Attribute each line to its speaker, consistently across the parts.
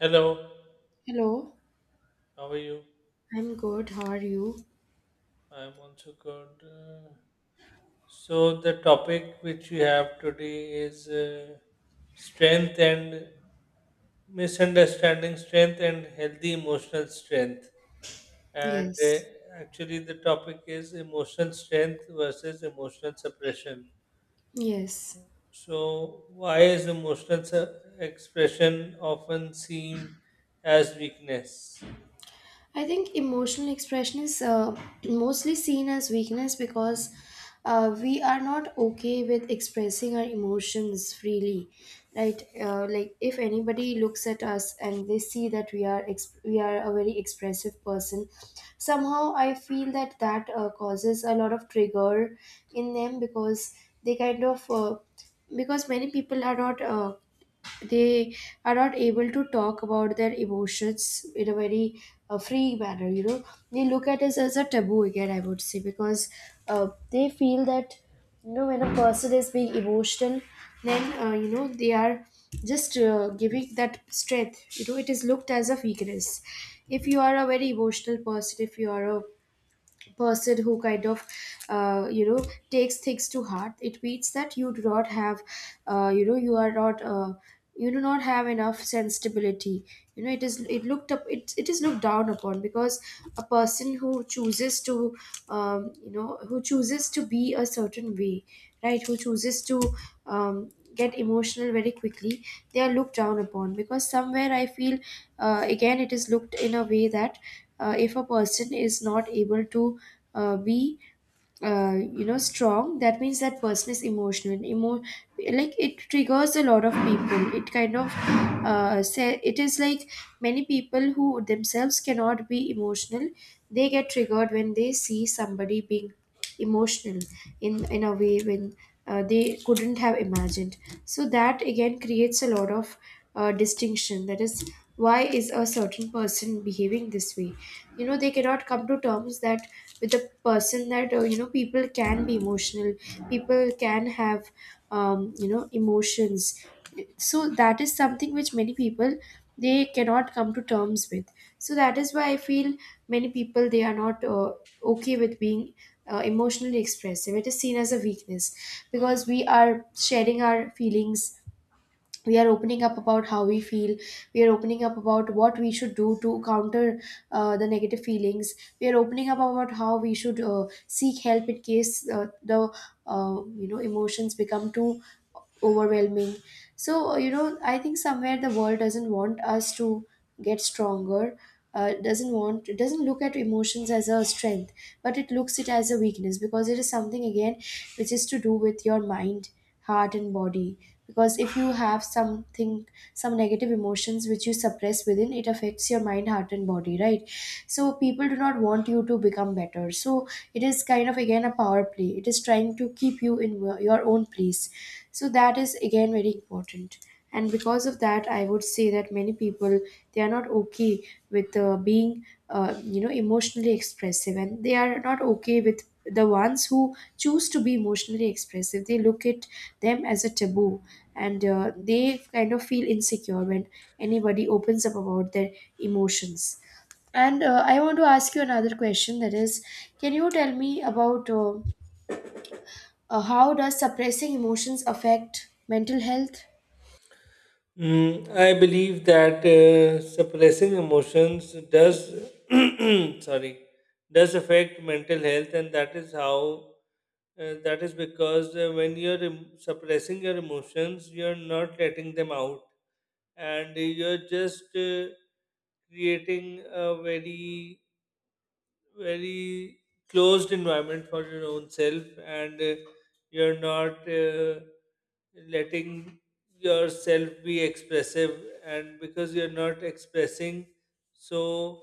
Speaker 1: Hello,
Speaker 2: Hello,
Speaker 1: how are you?
Speaker 2: I'm good. How are you?
Speaker 1: I'm also good. The topic which we have today is strength and misunderstanding strength and healthy emotional strength. And
Speaker 2: Yes,
Speaker 1: actually, the topic is emotional strength versus emotional suppression.
Speaker 2: yes.
Speaker 1: So, why is expression often seen as weakness?
Speaker 2: I think emotional expression is mostly seen as weakness because we are not okay with expressing our emotions freely, right? Like if anybody looks at us and they see that we are a very expressive person, somehow I feel that that causes a lot of trigger in them, because they kind of because many people are not they are not able to talk about their emotions in a very free manner, you know. They look at it as a taboo, again, I would say, because they feel that, you know, when a person is being emotional, then you know, they are just giving that strength, you know, it is looked as a weakness. If you are a very emotional person, if you are a person who kind of you know, takes things to heart, it means that you do not have you know, you are not you do not have enough sensibility, you know. It is looked down upon because a person who chooses to you know, who chooses to be a certain way, right, who chooses to get emotional very quickly, they are looked down upon, because somewhere I feel again it is looked in a way that if a person is not able to be you know, strong, that means that person is like, it triggers a lot of people. It kind of say, it is like, many people who themselves cannot be emotional, they get triggered when they see somebody being emotional in a way when they couldn't have imagined. So that again creates a lot of distinction, that is, why is a certain person behaving this way? You know, they cannot come to terms that, with a person, that you know, people can be emotional, people can have you know, emotions. So that is something which many people, they cannot come to terms with. So that is why I feel many people, they are not okay with being emotionally expressive. It is seen as a weakness, because we are sharing our feelings, we are opening up about how we feel, we are opening up about what we should do to counter the negative feelings, we are opening up about how we should seek help in case the you know, emotions become too overwhelming. So you know, I think somewhere the world doesn't want us to get stronger, doesn't want, it doesn't look at emotions as a strength, but it looks it as a weakness, because it is something, again, which is to do with your mind, heart and body. Because if you have something, some negative emotions which you suppress within, it affects your mind, heart and body, right? So people do not want you to become better. So it is kind of, again, a power play. It is trying to keep you in your own place. So that is, again, very important. And because of that, I would say that many people, they are not okay with being you know, emotionally expressive, and they are not okay with the ones who choose to be emotionally expressive. They look at them as a taboo. And they kind of feel insecure when anybody opens up about their emotions. And I want to ask you another question, that is, can you tell me about how does suppressing emotions affect mental health?
Speaker 1: Mm, I believe that suppressing emotions does, sorry, does affect mental health, and that is that is because when you're suppressing your emotions, you're not letting them out, and you're just creating a very closed environment for your own self, and you're not letting yourself be expressive, and because you're not expressing, so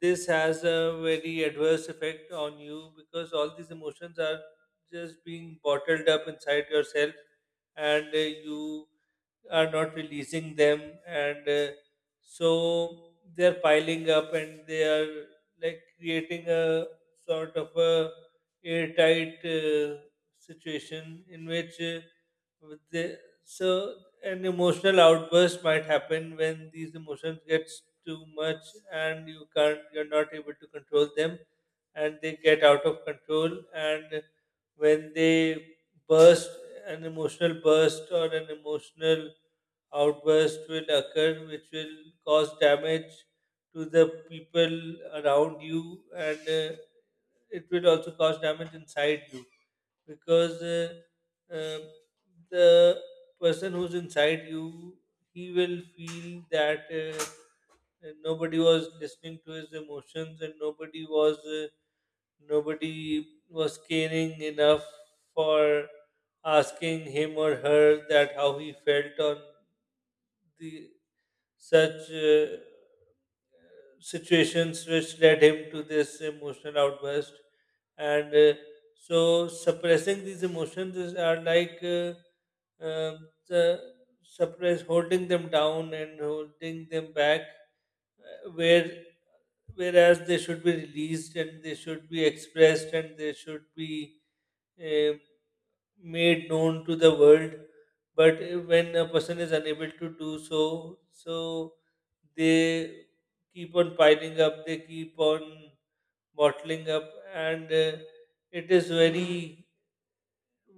Speaker 1: this has a very adverse effect on you because all these emotions are just being bottled up inside yourself, and you are not releasing them, and so they're piling up and they are like creating a sort of a airtight situation in which with the, so an emotional outburst might happen when these emotions get too much and you're not able to control them, and they get out of control, and when they burst, an emotional burst or an emotional outburst will occur, which will cause damage to the people around you, and it will also cause damage inside you because um the person who's inside you, he will feel that nobody was listening to his emotions, and nobody was caring enough for asking him or her that how he felt on the such situations which led him to this emotional outburst. And so suppressing these emotions is, are like um, the suppress holding them down and holding them back, uh, where whereas they should be released and they should be expressed and they should be uh, made known to the world. But when a person is unable to do so, so they keep on piling up, they keep on bottling up, and it is very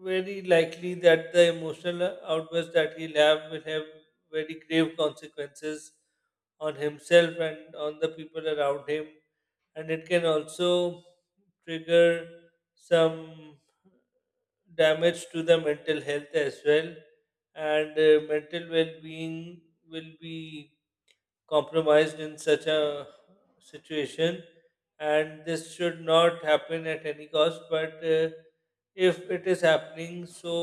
Speaker 1: very likely that the emotional outburst that he'll have will have very grave consequences on himself and on the people around him, and it can also trigger some damage to the mental health as well, and mental well-being will be compromised in such a situation. And this should not happen at any cost, but if it is happening, so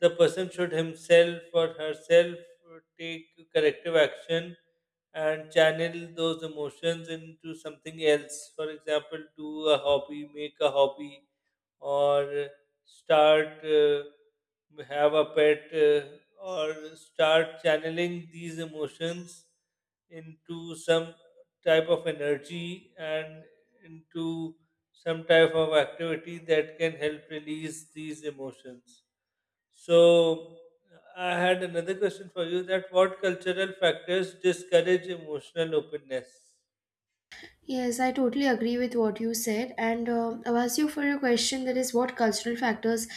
Speaker 1: the person should himself or herself take corrective action and channel those emotions into something else. For example, do a hobby make a hobby, or start have a pet, or start channeling these emotions into some type of energy and into some type of activity that can help release these emotions. So, I had another question for you: that what cultural factors discourage emotional openness?
Speaker 2: Yes, I totally agree with what you said. And I'll ask you for a question, that is, what cultural factors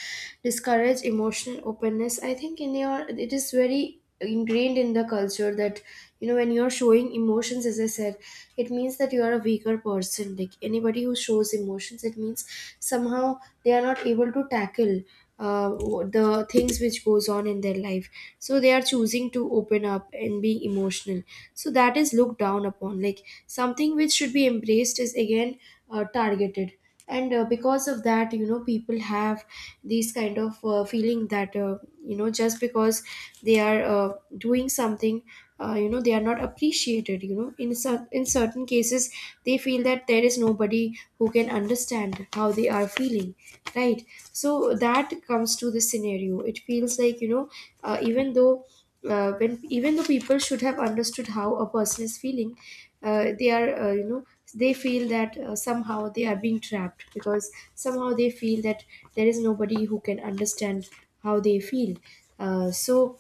Speaker 2: discourage emotional openness? I think in your, it is very ingrained in the culture that, you know, when you're showing emotions, as I said, it means that you are a weaker person. Like, anybody who shows emotions, it means somehow they are not able to tackle the things which goes on in their life, so they are choosing to open up and being emotional, so that is looked down upon. Like, something which should be embraced is, again, targeted. And because of that, you know, people have these kind of feeling that you know, just because they are doing something, you know, they are not appreciated, you know, in in certain cases. They feel that there is nobody who can understand how they are feeling, right? So that comes to the scenario. It feels like, you know, even though, when even though people should have understood how a person is feeling, they are, you know, they feel that somehow they are being trapped, because somehow they feel that there is nobody who can understand how they feel. So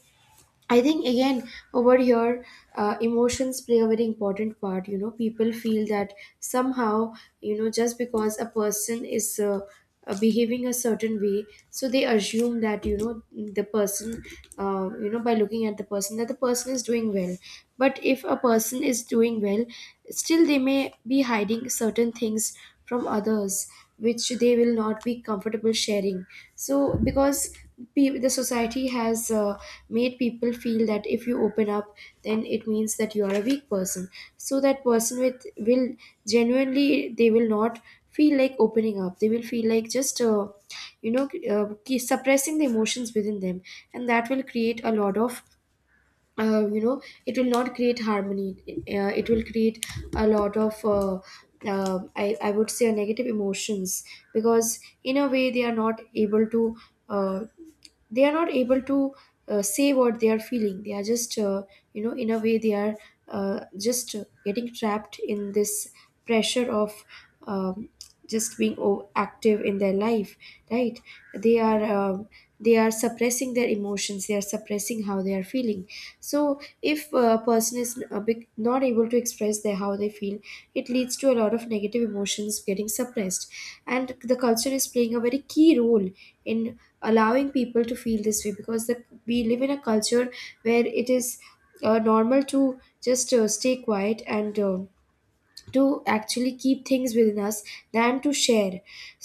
Speaker 2: I think, again, over here, emotions play a very important part. You know, people feel that, somehow, you know, just because a person is behaving a certain way, so they assume that, you know, the person, you know, by looking at the person, that the person is doing well. But if a person is doing well, still they may be hiding certain things from others, which they will not be comfortable sharing. So because the society has made people feel that if you open up, then it means that you are a weak person. So that person with will genuinely, they will not feel like opening up. They will feel like just you know, suppressing the emotions within them. And that will create a lot of, you know, it will not create harmony. It will create a lot of I would say, negative emotions. Because in a way they are not able to uh, they are not able to say what they are feeling. They are just you know, in a way, they are just getting trapped in this pressure of um, just being active in their life, right? They are they are suppressing their emotions, they are suppressing how they are feeling. So if a person is not able to express their how they feel, it leads to a lot of negative emotions getting suppressed. And the culture is playing a very key role in allowing people to feel this way, because the, we live in a culture where it is normal to just stay quiet and to actually keep things within us than to share.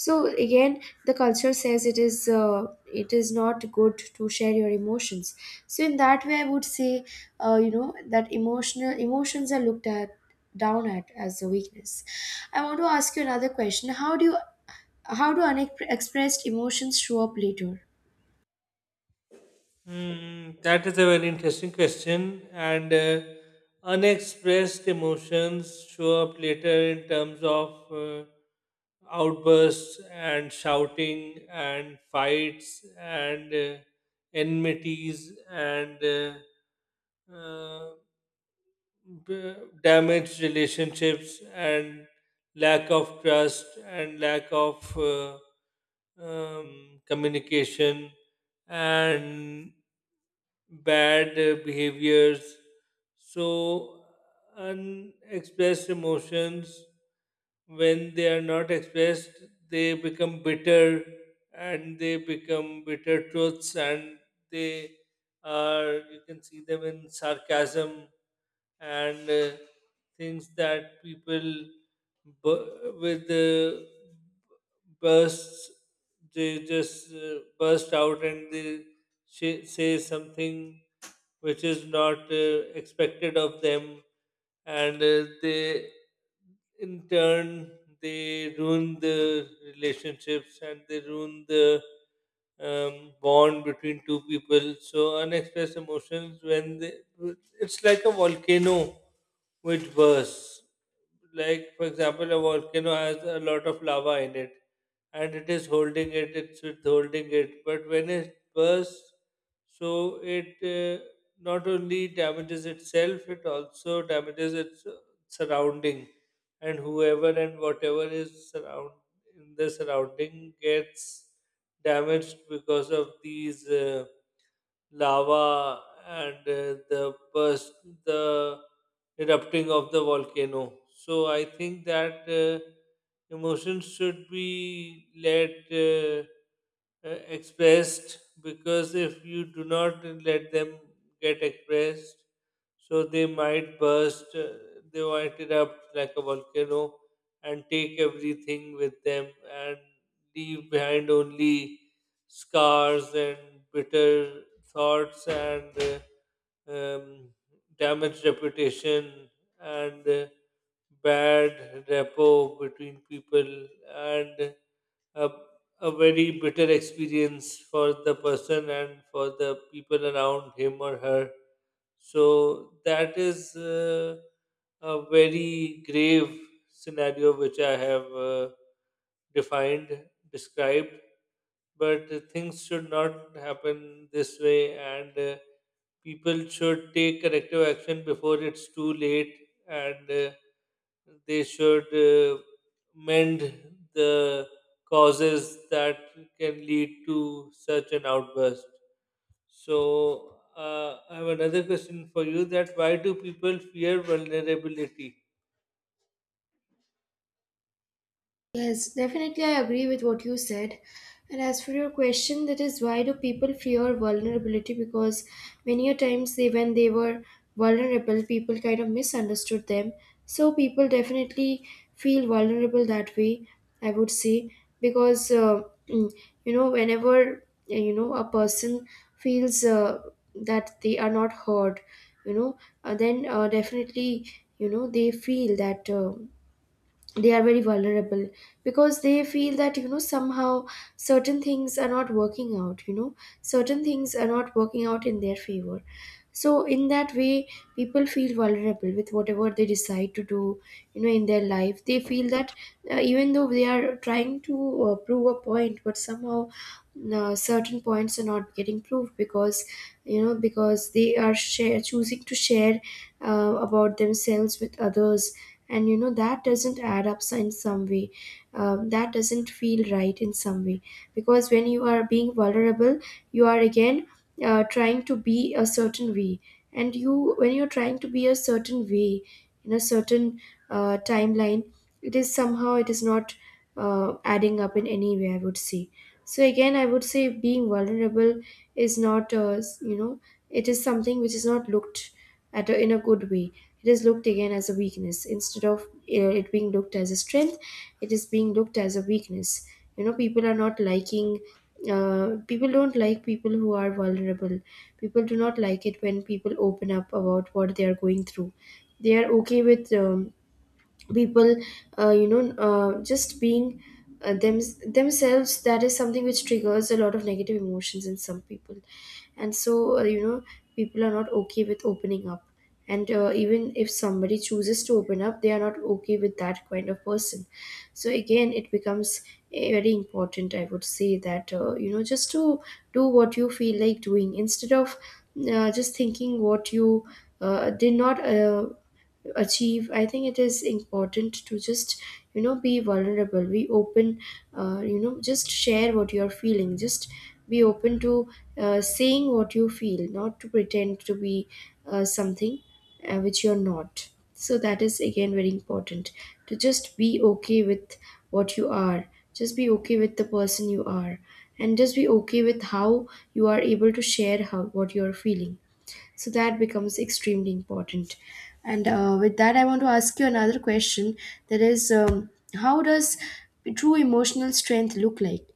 Speaker 2: So again, the culture says it is not good to share your emotions. So in that way, I would say, you know, that emotional emotions are looked at down at as a weakness. I want to ask you another question: how do unexpressed emotions show up later?
Speaker 1: Mm, that is a very interesting question. And Unexpressed emotions show up later in terms of outbursts and shouting and fights and enmities and b- damaged relationships and lack of trust and lack of communication and bad behaviors. So, unexpressed emotions, when they are not expressed, they become bitter, and they become bitter truths, and they are, you can see them in sarcasm and things that people bu- with bursts, they just burst out and they say something which is not expected of them, and they in turn, they ruin the relationships and they ruin the bond between two people. So unexpressed emotions, it's like a volcano which bursts. Like for example, a volcano has a lot of lava in it, and it is holding it, it's withholding it, but when it bursts, so it not only damages itself, it also damages its surrounding, and whoever and whatever is surround in the surrounding gets damaged because of these. Lava and the burst, the erupting of the volcano. So I think that emotions should be let expressed, because if you do not let them get expressed, so they might burst, they might erupt like a volcano and take everything with them and leave behind only scars and bitter thoughts and uh, um, damaged reputation and bad rapport between people, and a, a very bitter experience for the person and for the people around him or her. So that is a very grave scenario which I have defined, described. But things should not happen this way, and people should take corrective action before it's too late, and they should mend the causes that can lead to such an outburst. So I have another question for you: that why do people fear vulnerability?
Speaker 2: Yes, definitely, I agree with what you said. And as for your question, that is, why do people fear vulnerability? Because many a times they, when they were vulnerable, people kind of misunderstood them. So people definitely feel vulnerable that way. I would say, because mm, you know, whenever you know, a person feels that they are not heard, you know, then definitely, you know, they feel that. They are very vulnerable, because they feel that, you know, somehow certain things are not working out, you know, certain things are not working out in their favor. So in that way, people feel vulnerable with whatever they decide to do, you know, in their life. They feel that even though they are trying to prove a point, but somehow certain points are not getting proved, because, you know, because they are choosing to share about themselves with others. And you know that doesn't add up in some way, that doesn't feel right in some way. Because when you are being vulnerable, you are, again, trying to be a certain way. And you, when you're trying to be a certain way, in a certain timeline, it is, somehow, it is not adding up in any way, I would say. So again, I would say, being vulnerable is not you know, it is something which is not looked at in a good way. It is looked, again, as a weakness, instead of it being looked as a strength. It is being looked as a weakness. You know, people are not liking people don't like people who are vulnerable. People do not like it when people open up about what they are going through. They are okay with people you know, just being uh, them themselves. That is something which triggers a lot of negative emotions in some people. And so you know, people are not okay with opening up. And even if somebody chooses to open up, they are not okay with that kind of person. So again, it becomes, very important, I would say, that you know, just to do what you feel like doing, instead of just thinking what you did not achieve. I think it is important to just, you know, be vulnerable, be open, you know, just share what you are feeling. Just be open to saying what you feel, not to pretend to be something which you're not. So that is, again, very important, to just be okay with what you are. Just be okay with the person you are. And just be okay with how you are able to share how what you are feeling. So that becomes extremely important. And with that, I want to ask you another question, that is, how does true emotional strength look like?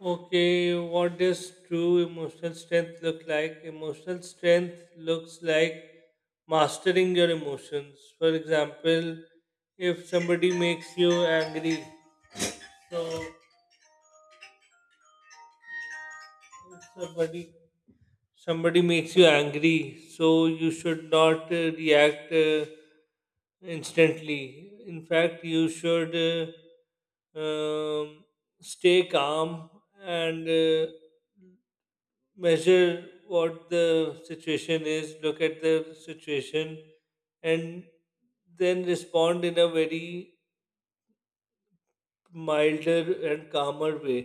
Speaker 1: Okay, what does true emotional strength look like? Emotional strength looks like mastering your emotions. For example, if somebody makes you angry, so if somebody somebody makes you angry, so you should not react instantly. In fact, you should stay calm and measure what the situation is, look at the situation, and then respond in a very milder and calmer way,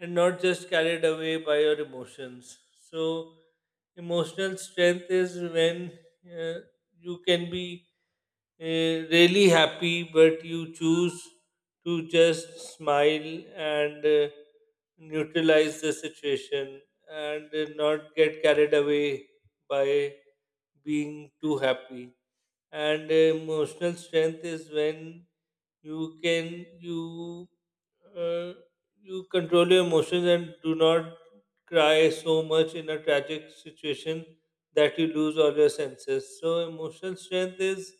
Speaker 1: and not just carried away by your emotions. So, emotional strength is when uh, you can be really happy, but you choose to just smile and neutralize the situation and not get carried away by being too happy. And emotional strength is when you can you uh, you control your emotions and do not cry so much in a tragic situation that you lose all your senses. So emotional strength is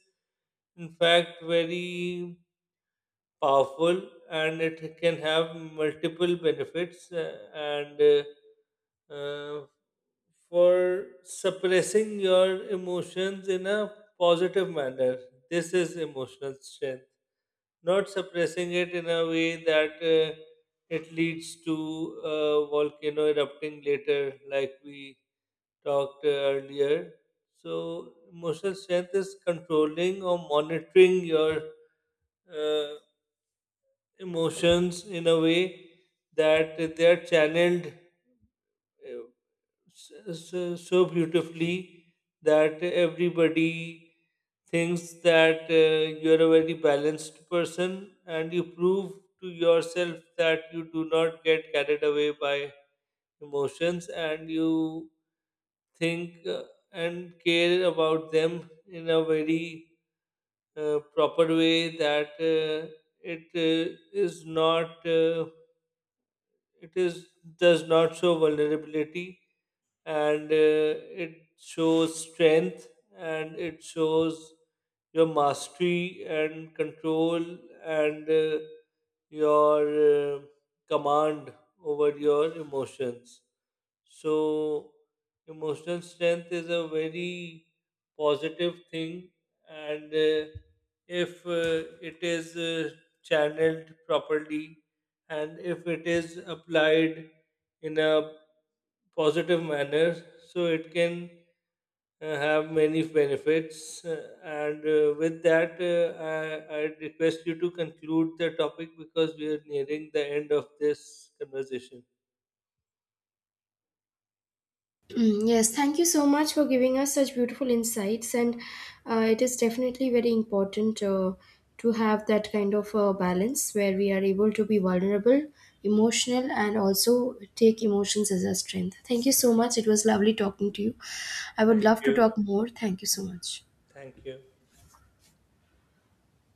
Speaker 1: in fact very powerful, and it can have multiple benefits, and uh, for suppressing your emotions in a positive manner. This is emotional strength. Not suppressing it in a way that it leads to a volcano erupting later, like we talked earlier. So, emotional strength is controlling or monitoring your uh, emotions in a way that they are channeled, uh, so beautifully that everybody thinks that you are a very balanced person, and you prove to yourself that you do not get carried away by emotions, and you think and care about them in a very proper way, that it is not it is does not show vulnerability, and it shows strength, and it shows your mastery and control, and your uh, command over your emotions. So, emotional strength is a very positive thing, and if it is channeled properly and if it is applied in a positive manner. So it can have many benefits. And With that, I request you to conclude the topic because we are nearing the end of this conversation.
Speaker 2: Mm, yes, thank you so much for giving us such beautiful insights, and it is definitely very important to have that kind of balance where we are able to be vulnerable, emotional, and also take emotions as a strength. Thank you so much. It was lovely talking to you. I would
Speaker 1: Thank
Speaker 2: love to
Speaker 1: you.
Speaker 2: talk more. Thank you so much.
Speaker 1: Thank you.